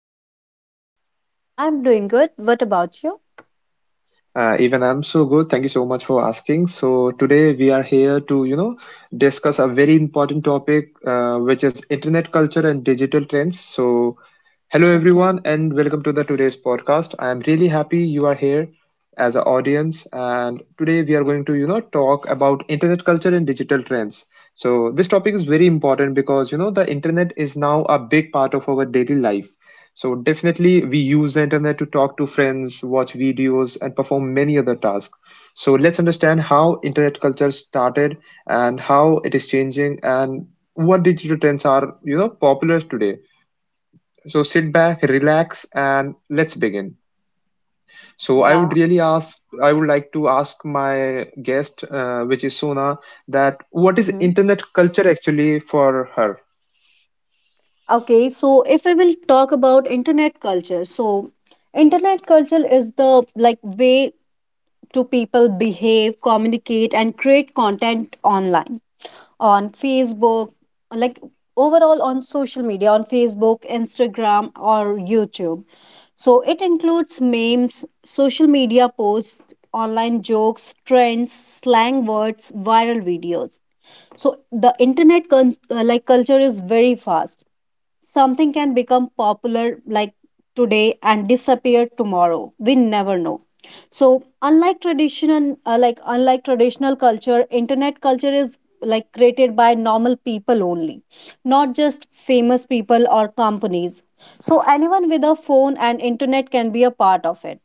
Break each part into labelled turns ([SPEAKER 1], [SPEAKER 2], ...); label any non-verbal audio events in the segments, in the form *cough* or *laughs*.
[SPEAKER 1] you?
[SPEAKER 2] I'm doing good. What about you?
[SPEAKER 1] Even I'm so good. Thank you so much for asking. So today we are here to, discuss a very important topic, which is internet culture and digital trends. So hello everyone
[SPEAKER 2] Okay.
[SPEAKER 1] and welcome to the today's podcast. I am really happy you are here as an audience and today we are going to talk about internet culture and digital trends. So this topic is very important because the internet is now a big part of our daily life. So definitely we use the internet to talk to friends, watch videos and perform many other tasks. So let's understand how internet culture started and how it is changing and what digital trends are popular today, so sit back, relax, and let's begin. So I would
[SPEAKER 2] Yeah.
[SPEAKER 1] really ask, I would like to ask my guest, which is Sona, that what is
[SPEAKER 2] hmm
[SPEAKER 1] internet culture actually for her?
[SPEAKER 2] Okay. So if I will talk about internet culture, so internet culture is the like way to people behave, communicate, and create content online. On Facebook, like overall on social media, on Facebook, Instagram, or YouTube. So it includes memes, social media posts, online jokes, trends, slang words, viral videos. So the like culture is very fast. Something can become popular like today and disappear tomorrow. We never know. So unlike traditional like unlike traditional culture, internet culture is like created by normal people only, not just famous people or companies. So anyone with a phone and internet can be a part of it.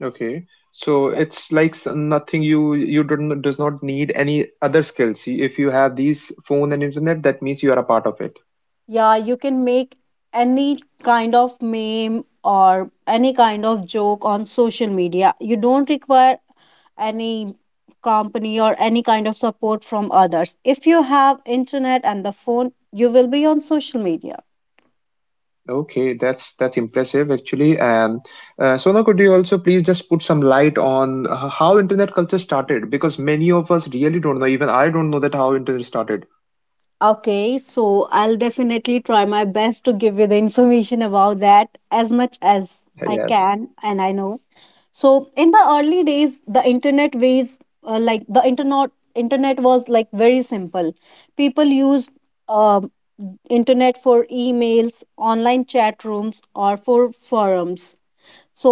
[SPEAKER 1] Okay, so
[SPEAKER 2] Yeah,
[SPEAKER 1] it's like nothing. You do not, does not need any other skills. If you have these phone and internet, that means you are a part of it.
[SPEAKER 2] yeah, you can make any kind of meme or any kind of joke on social media. You don't require any company or any kind of support from others. If you have internet and the phone, you will be on social media.
[SPEAKER 1] Okay, that's impressive actually. And Sona, could you also please just put some light on how internet culture started? Because many of us really don't know. Even I don't know that how internet started.
[SPEAKER 2] Okay, so I'll definitely try my best to give you the information about that as much as I
[SPEAKER 1] Yes.
[SPEAKER 2] can and I know. So in the early days the internet internet was like very simple. People used um internet for emails, online chat rooms, or for forums. So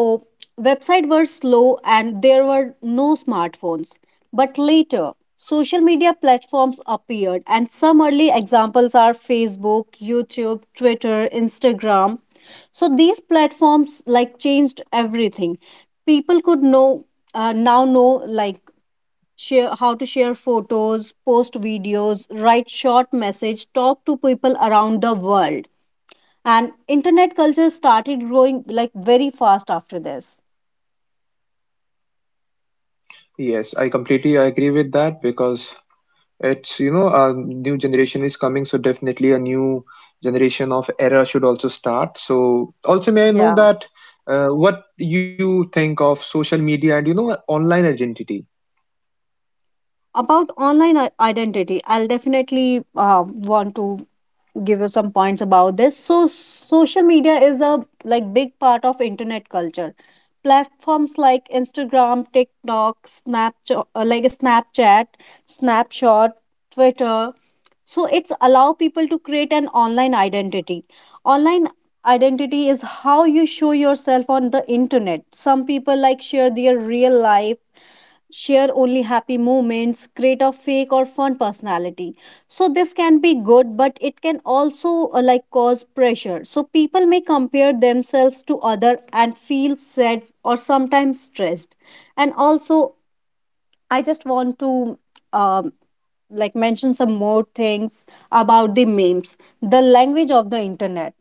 [SPEAKER 2] websites were slow and there were no smartphones. But later, social media platforms appeared and some early examples are Facebook, YouTube, Twitter, Instagram. So these platforms like changed everything. People could know now know like share how to share photos, post videos, write short message, talk to people around the world. And internet culture started growing like very fast after this.
[SPEAKER 1] Yes, I completely agree with that because it's a new generation is coming, so definitely a new generation of era should also start. So also may I know
[SPEAKER 2] Yeah.
[SPEAKER 1] that what you think of social media and online identity?
[SPEAKER 2] About online identity, I'll definitely want to give you some points about this. So social media is a like big part of internet culture. Platforms like Instagram, TikTok, Snapchat, Snapshot, Twitter. So it's allow people to create an online identity. Online identity is how you show yourself on the internet. Some people like share their real life, share only happy moments, create a fake or fun personality. So this can be good, but it can also like cause pressure. So people may compare themselves to other and feel sad or sometimes stressed. And also, I just want to um, like mention some more things about the memes, the language of the internet,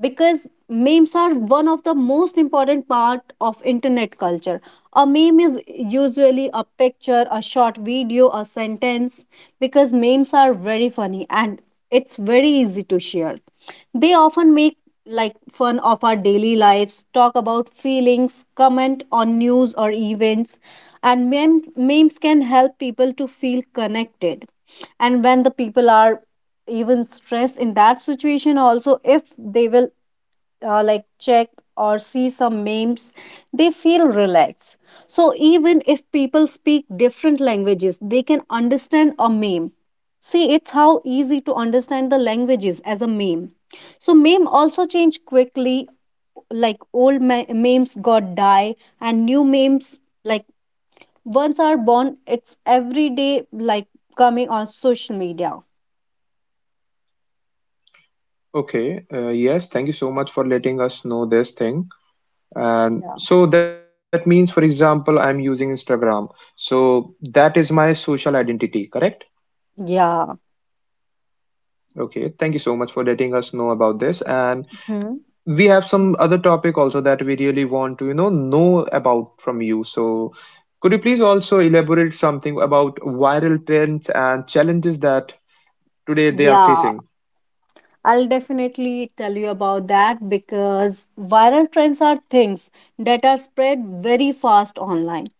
[SPEAKER 2] because memes are one of the most important part of internet culture. A meme is usually a picture, a short video, a sentence. Because memes are very funny and it's very easy to share, they often make like fun of our daily lives, talk about feelings, comment on news or events. And memes can help people to feel connected. And when the people are even stress in that situation also, if they will like check or see some memes, they feel relaxed. So even if people speak different languages, they can understand a meme. See, it's how easy to understand the languages as a meme. So meme also change quickly. Like old memes got die and new memes like once are born. It's every day like coming on social media.
[SPEAKER 1] Okay, yes, thank you so much for letting us know this thing. And
[SPEAKER 2] Yeah,
[SPEAKER 1] so that means for example I'm using Instagram, so that is my social identity, correct?
[SPEAKER 2] yeah.
[SPEAKER 1] Okay, thank you so much for letting us know about this, and we have some other topic also that we really want to know about from you. So could you please also elaborate something about viral trends and challenges that today they are
[SPEAKER 2] Yeah,
[SPEAKER 1] facing?
[SPEAKER 2] I'll definitely tell you about that because viral trends are things that are spread very fast online.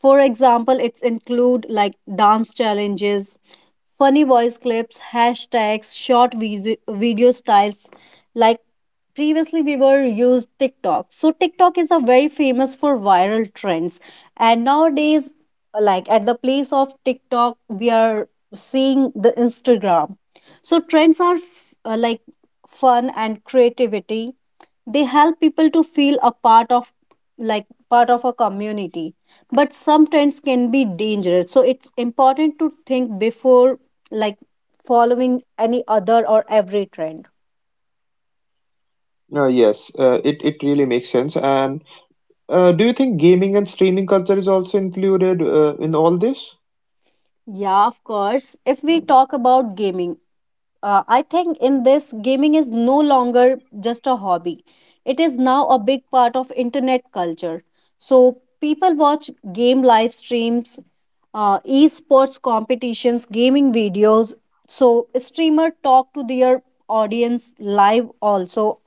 [SPEAKER 2] For example, it's include like dance challenges, funny voice clips, hashtags, short video styles. Like previously we were used TikTok. So TikTok is a very famous for viral trends. And nowadays, like at the place of TikTok, we are seeing the Instagram. So trends are like fun and creativity. They help people to feel a part of like part of a community, but some trends can be dangerous. So it's important to think before like following any other or every trend.
[SPEAKER 1] yes, it really makes sense. And do you think gaming and streaming culture is also included in all this?
[SPEAKER 2] Yeah, of course. If we talk about gaming, I think in this, gaming is no longer just a hobby. It is now a big part of internet culture. So people watch game live streams, esports competitions, gaming videos. So streamer talk to their audience live also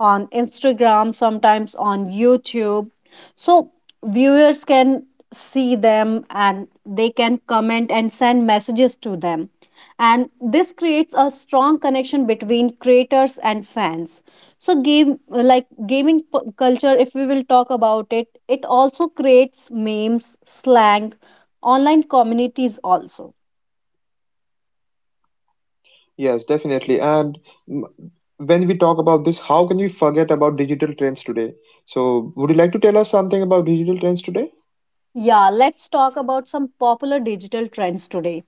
[SPEAKER 2] on Instagram, sometimes on YouTube. So viewers can see them and they can comment and send messages to them. And this creates a strong connection between creators and fans. So game like gaming culture if we will talk about it, it also creates memes, slang, online communities also.
[SPEAKER 1] Yes, definitely. And mm, when we talk about this, how can we forget about digital trends today? So, would you like to tell us something about digital trends today?
[SPEAKER 2] Yeah, let's talk about some popular digital trends today.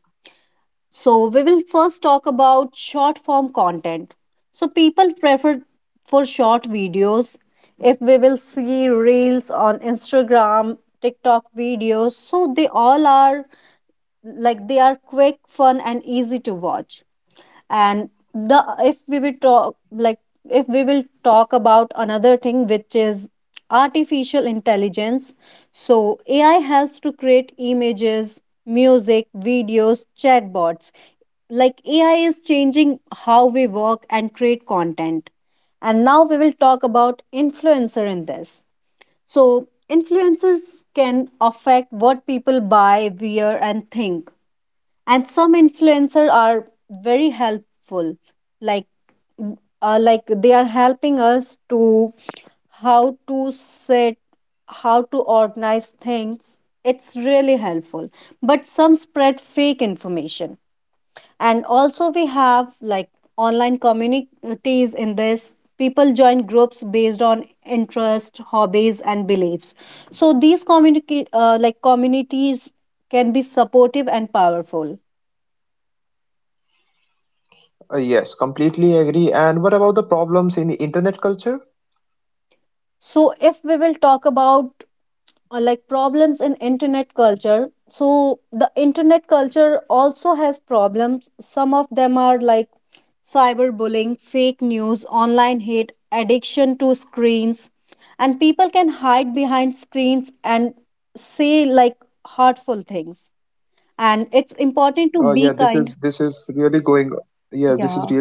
[SPEAKER 2] So we will first talk about short form content. So people prefer for short videos. If we will see reels on Instagram, TikTok videos, so they all are like they are quick, fun, and easy to watch. And the if we will talk like if we will talk about another thing which is artificial intelligence, so AI helps to create images, music, videos, chatbots. Like AI is changing how we work and create content. And now we will talk about influencer in this. So influencers can affect what people buy, wear, and think. And some influencers are very helpful, like like they are helping us to how to set, how to organize things. It's really helpful, but some spread fake information. And also we have like online communities in this. People join groups based on interest, hobbies, and beliefs. So these communities can be supportive and powerful. So if we will talk about like problems in internet culture, so the internet culture also has problems. Some of them are like cyberbullying, fake news, online hate, addiction to screens, and people can hide behind screens and say like hurtful things. And it's important to be kind. Yeah.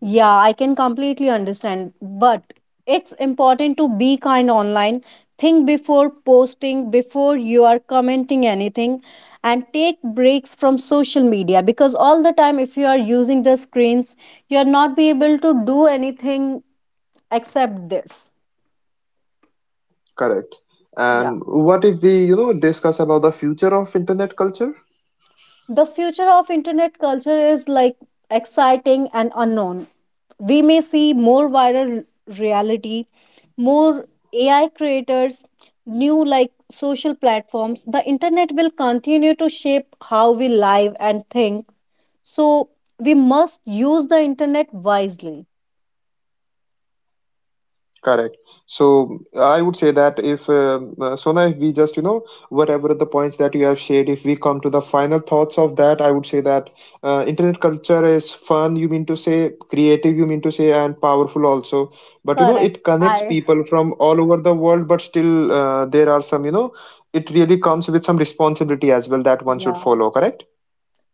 [SPEAKER 2] Yeah, I can completely understand. But it's important to be kind online. Think before posting, before you are commenting anything, and take breaks from social media, because all the time, if you are using the screens, you are not be able to do anything except this. Yeah. The future of internet culture is like exciting and unknown. We may see more viral reality, more AI creators, new like social platforms. The internet will continue to shape how we live and think. So we must use the internet wisely. Correct. I yeah.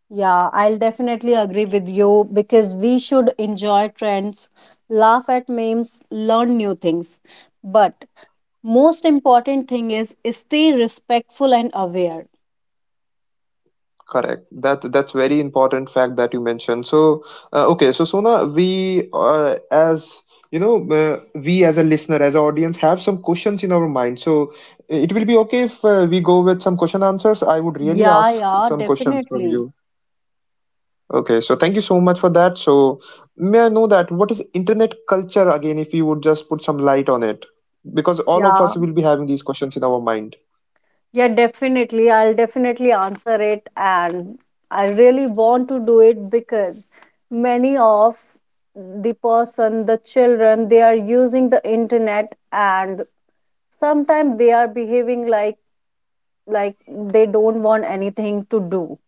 [SPEAKER 2] Yeah, I'll definitely agree with you because we should enjoy trends, laugh at memes, learn new things. But most important thing is stay respectful and aware. Yeah, yeah, definitely. Yeah, yeah, definitely, I'll definitely answer it and I really want to do it because many of the person, the children, they are using the internet and sometimes they are behaving like they don't want anything to do.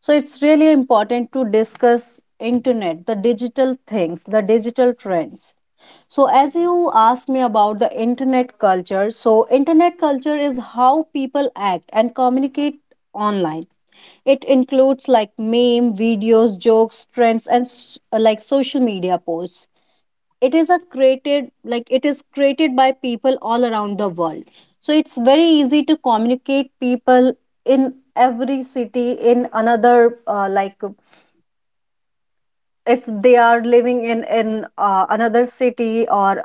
[SPEAKER 2] So it's really important to discuss internet, the digital things, the digital trends. So as you asked me about the internet culture, so internet culture is how people act and communicate online. It includes like meme videos, jokes, trends, and like social media posts. It is a created like it is created by people all around the world. So it's very easy to communicate people in every city in another, like if they are living in another city or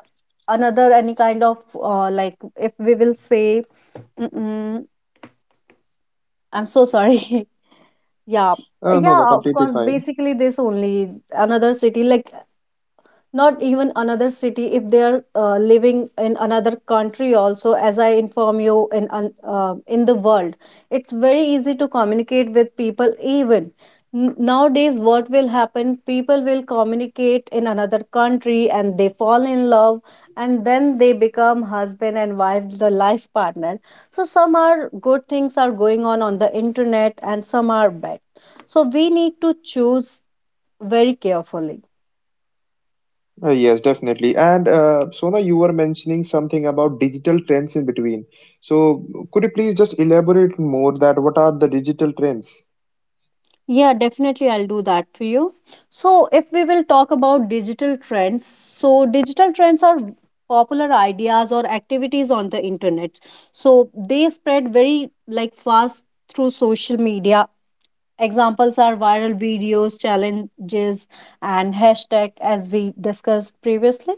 [SPEAKER 2] another any kind of like if we will say mm-mm, I'm so sorry. *laughs* Yeah, yeah, of course. Basically this only another city, like not even another city, if they are living in another country also. As I inform you, in in the world, it's very easy to communicate with people even. Nowadays what will happen, people will communicate in another country and they fall in love and then they become husband and wife, the life partner. So some are good things are going on the internet and some are bad. So we need to choose very carefully. Yeah, definitely, I'll do that for you. So if we will talk about digital trends, so digital trends are popular ideas or activities on the internet. So they spread very like fast through social media. Examples are viral videos, challenges, and hashtag as we discussed previously.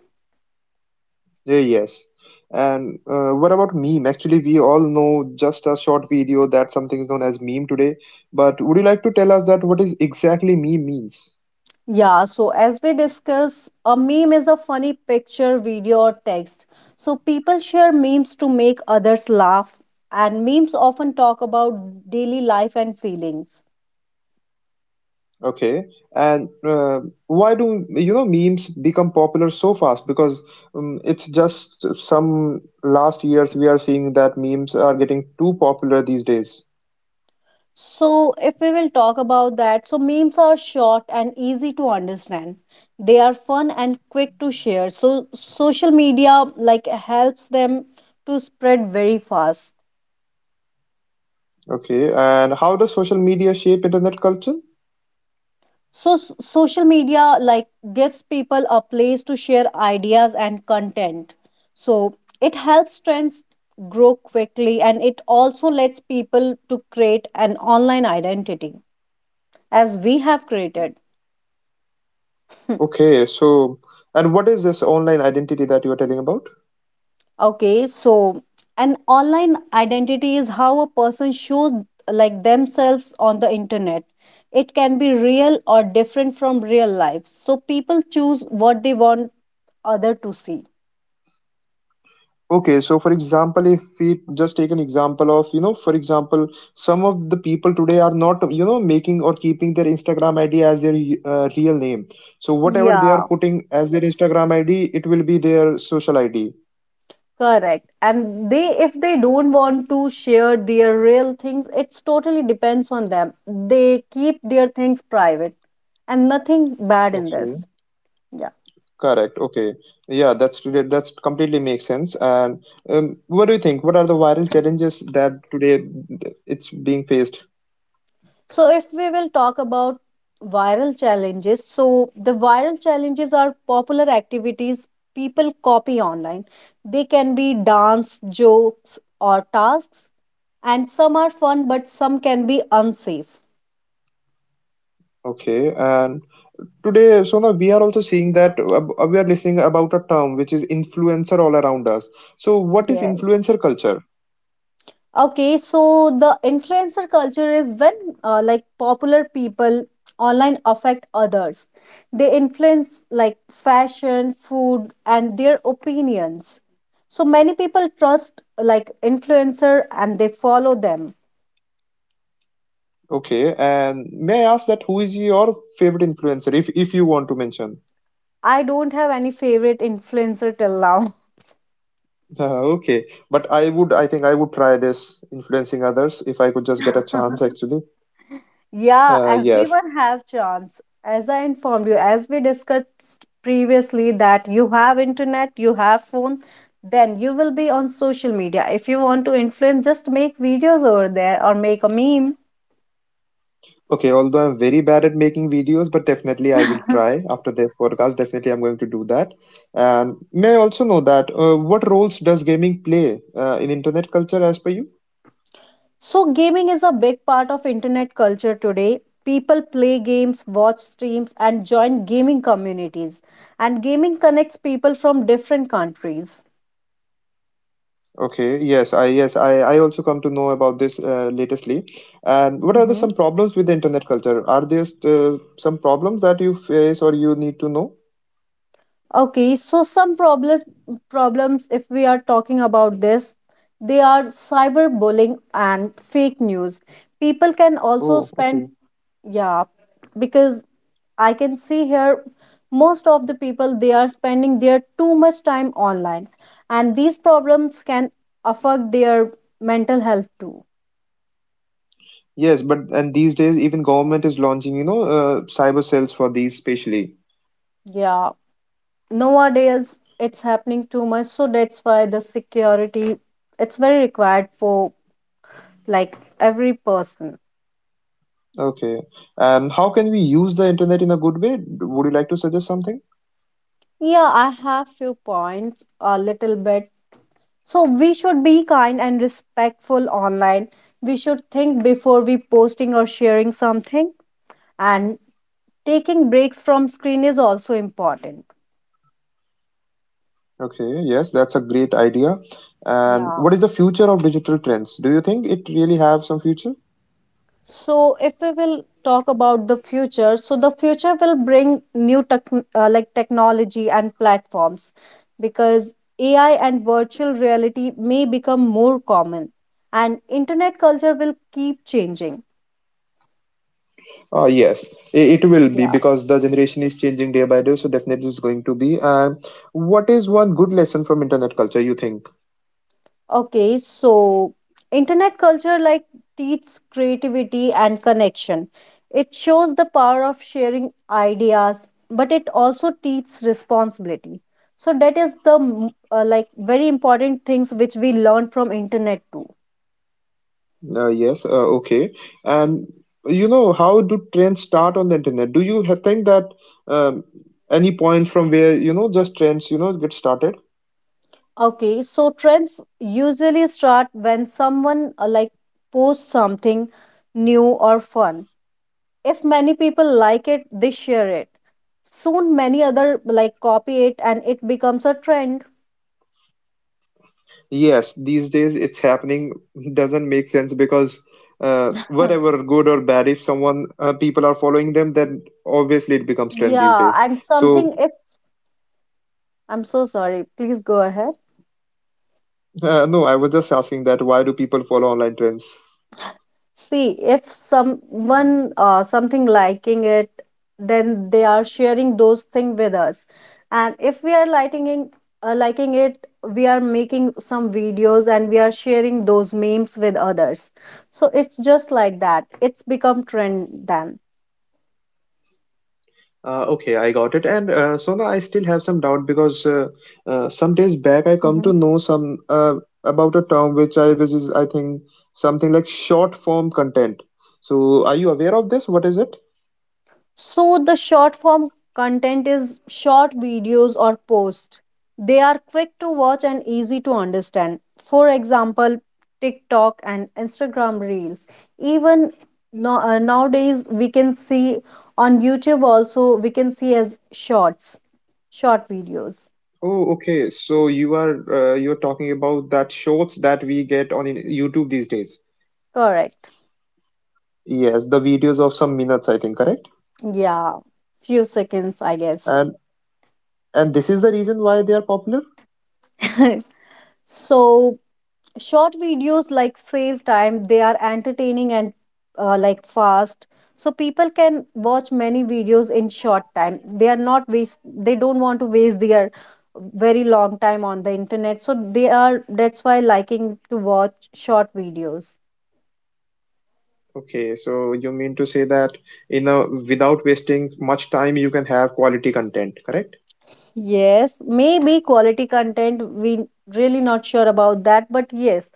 [SPEAKER 2] Yeah, so as we discuss, a meme is a funny picture, video, or text. So people share memes to make others laugh, and memes often talk about daily life and feelings. So if we will talk about that, so memes are short and easy to understand. They are fun and quick to share. So social media like helps them to spread very fast. So social media like gives people a place to share ideas and content. So it helps trends grow quickly and it also lets people to create an online identity as we have created. Okay, so an online identity is how a person shows like themselves on the internet. It can be real or different from real life. So people choose what they want other to see. Yeah. Correct. And they, if they don't want to share their real things, it's totally depends on them. They keep their things private and nothing bad in this. Yeah. So if we will talk about viral challenges, so the viral challenges are popular activities people copy online. They can be dance, jokes, or tasks, and some are fun, but some can be unsafe. Yes. Okay, so the influencer culture is when like popular people online affect others. They influence like fashion, food, and their opinions. So many people trust like influencer and they follow them. I don't have any favorite influencer till now. *laughs* Yeah, everyone have chance. As I informed you, as we discussed previously, that you have internet, you have phone, then you will be on social media. If you want to influence, just make videos over there or make a meme. So gaming is a big part of internet culture today. People play games, watch streams, and join gaming communities. And gaming connects people from different countries. Okay, so some problems if we are talking about this, they are cyberbullying and fake news. People can also spend, yeah, because I can see here most of the people they are spending their too much time online and these problems can affect their mental health too. Yeah, nowadays it's happening too much so that's why the security it's very required for like every person. Yeah, I have few points a little bit. So we should be kind and respectful online. We should think before we posting or sharing something and taking breaks from screen is also important. Yeah. So, if we will talk about the future, so the future will bring new tech, like technology and platforms because AI and virtual reality may become more common and internet culture will keep changing. Okay, so internet culture like teaches creativity and connection. It shows the power of sharing ideas, but it also teaches responsibility. So that is the like very important things which we learn from internet too. Okay, so trends usually start when someone like posts something new or fun. If many people like it, they share it. Soon many other like copy it and it becomes a trend. Yeah, and something if I'm so sorry, please go ahead. See, if someone something liking it, then they are sharing those thing with us, and if we are liking it, we are making some videos and we are sharing those memes with others. So it's just like that, it's become trend then. So the short form content is short videos or posts. They are quick to watch and easy to understand. For example, TikTok and Instagram reels. Even no, nowadays we can see on YouTube also, we can see as shorts, short videos. Correct. Yeah, few seconds I guess. *laughs* So short videos like save time. They are entertaining and like fast, so people can watch many videos in short time. They are not waste, they don't want to waste their very long time on the internet, so they are, that's why, liking to watch short videos. Yes, maybe quality content we really not sure about that, but yes,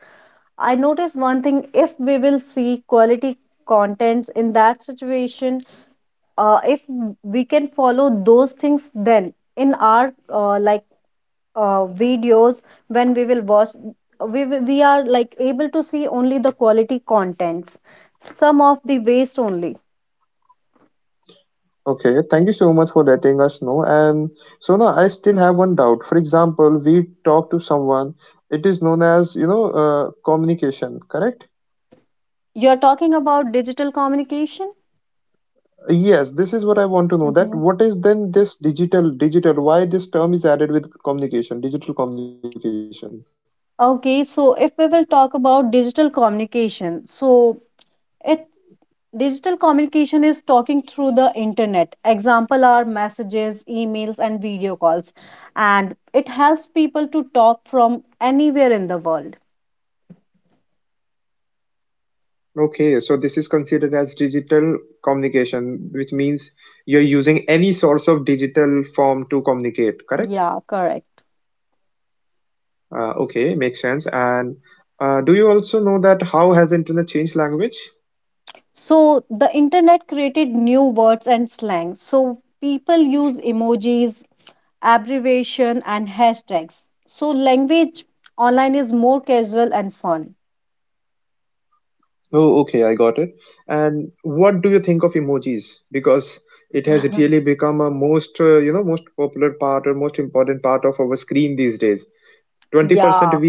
[SPEAKER 2] I noticed one thing. If we will see quality contents in that situation, if we can follow those things, then in our videos when we will watch, we are like able to see only the quality contents, some of the waste only. You're talking about digital communication. Hmm. Okay, so if we will talk about digital communication, so it. Digital communication is talking through the internet. Example are messages, emails, and video calls. And it helps people to talk from anywhere in the world. Yeah, correct. So the internet created new words and slang. So people use emojis, abbreviation, and hashtags. So language online is more casual and fun. Yeah.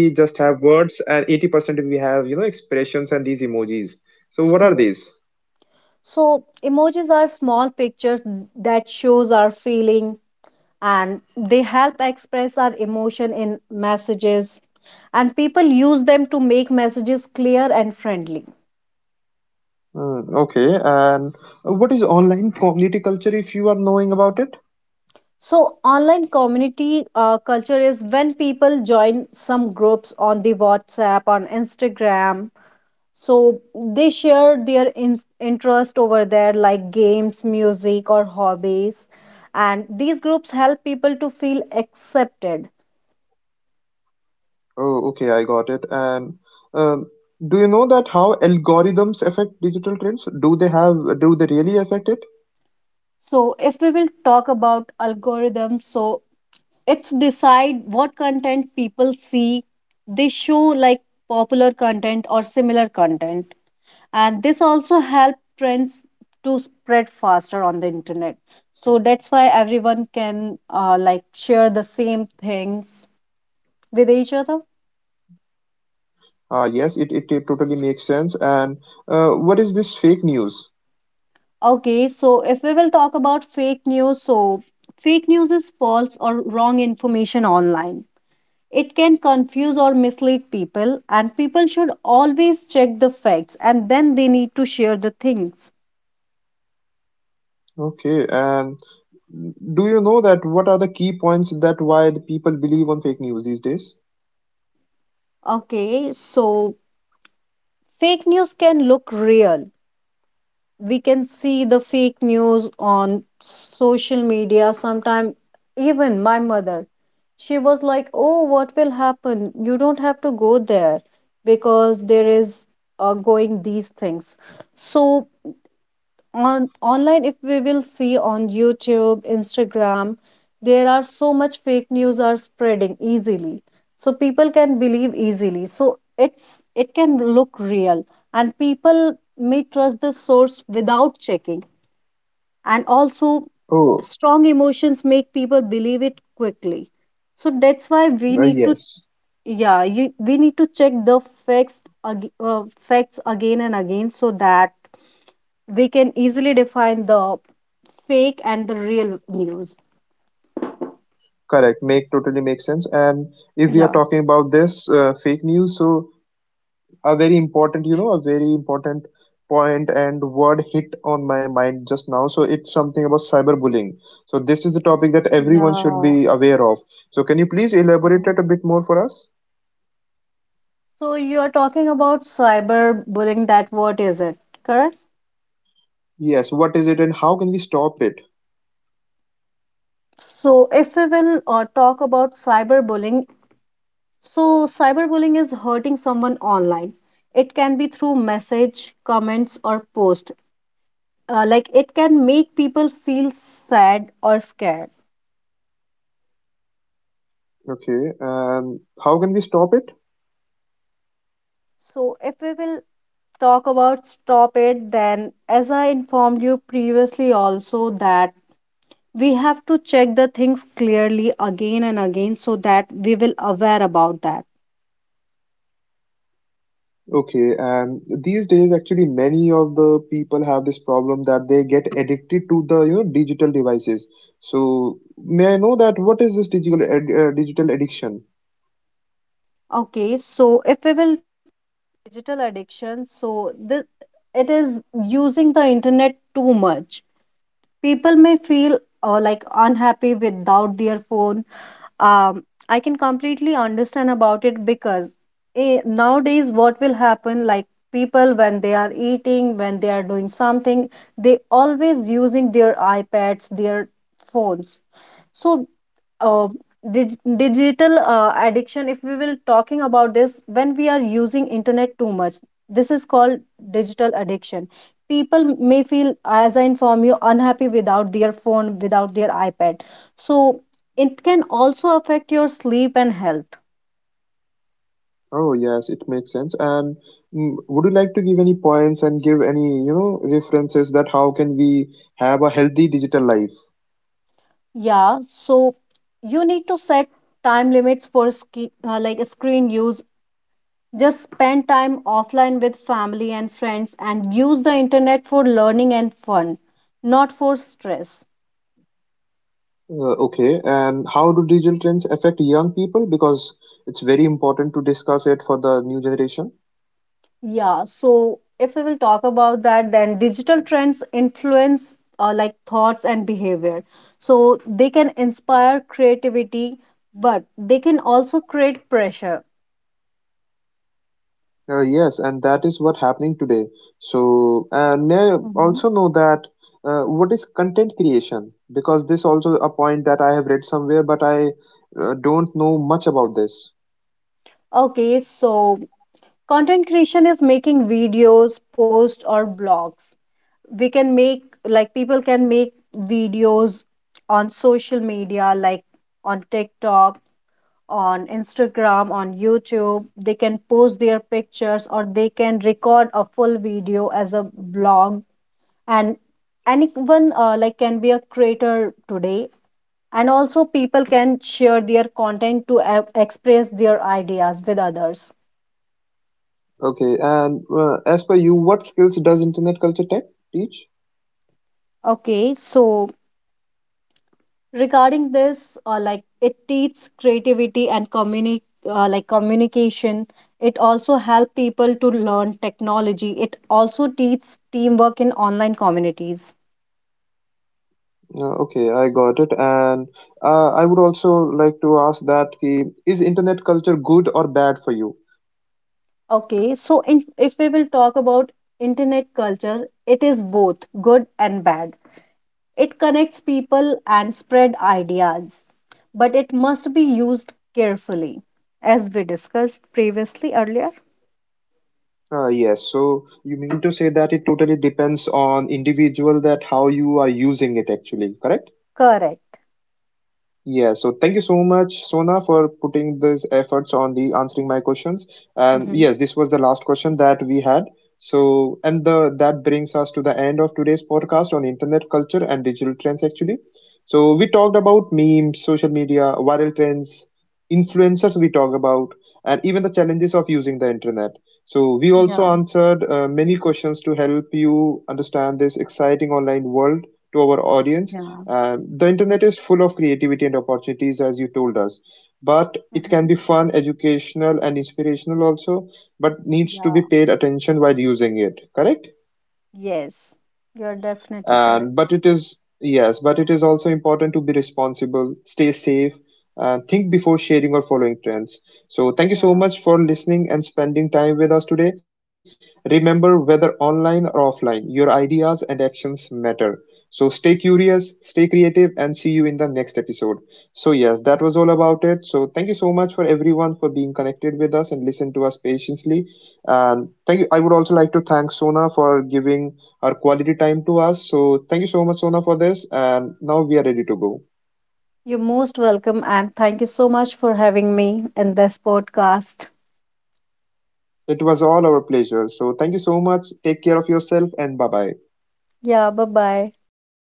[SPEAKER 2] *laughs* Yes. So emojis are small pictures that shows our feeling and they help express our emotion in messages, and people use them to make messages clear and friendly. So online community culture is when people join some groups on the WhatsApp, on Instagram, so they share their interest over there like games, music or hobbies, and these groups help people to feel accepted. So if we will talk about algorithms, so it's decide what content people see. They show like popular content or similar content, and this also help trends to spread faster on the internet. So that's why everyone can like share the same things with each other. Okay, so if we will talk about fake news, so fake news is false or wrong information online. It can confuse or mislead people, and people should always check the facts and then they need to share the things. Okay, so fake news can look real. We can see the fake news on social media sometime. Even my mother, she was like, "Oh, what will happen? You don't have to go there because there is going these things." So on online if we will see on YouTube, Instagram, there are so much fake news are spreading easily, so people can believe easily. So it's, it can look real and people may trust the source without checking, and also strong emotions make people believe it quickly. So that's why we need to, yeah, you, we need to check the facts again and again so that we can easily define the fake and the real news. Yeah. Yeah. Mhm. So you are talking about cyberbullying. That what is it? Correct. So if we will talk about cyberbullying, so cyberbullying is hurting someone online. It can be through message, comments, or post. Like it can make people feel sad or scared. So if we will talk about stop it, then as I informed you previously also that we have to check the things clearly again and again so that we will aware about that. Okay, so if we will digital addiction, so this, it is using the internet too much. People may feel like unhappy without their phone. um, I can completely understand about it because nowadays what will happen like people when they are eating, when they are doing something, they always using their iPads, their phones. So uh, digital addiction if we will talking about this, when we are using internet too much, this is called digital addiction. People may feel, as I inform you, unhappy without their phone, without their iPad. So it can also affect your sleep and health. Yeah, so you need to set time limits for like screen use. Just spend time offline with family and friends and use the internet for learning and fun, not for stress. Yeah, so if we will talk about that, then digital trends influence like thoughts and behavior. So they can inspire creativity, but they can also create pressure. Hmm. Okay, so content creation is making videos, posts, or blogs. We can make like People can make videos on social media like on TikTok, on Instagram, on YouTube. They can post their pictures or they can record a full video as a blog, and anyone like can be a creator today, and also people can share their content to express their ideas with others. Okay, so regarding this like it teaches creativity and like communication. It also help people to learn technology. It also teaches teamwork in online communities. Okay, so in, if we will talk about internet culture, it is both good and bad. It connects people and spread ideas, but it must be used carefully as we discussed previously earlier. Correct. Mm-hmm. Yeah. Yeah. Hmm. Yeah. Yes. You're definitely correct. Yeah. You're most welcome and thank you so much for having me in this podcast. Yeah, bye bye.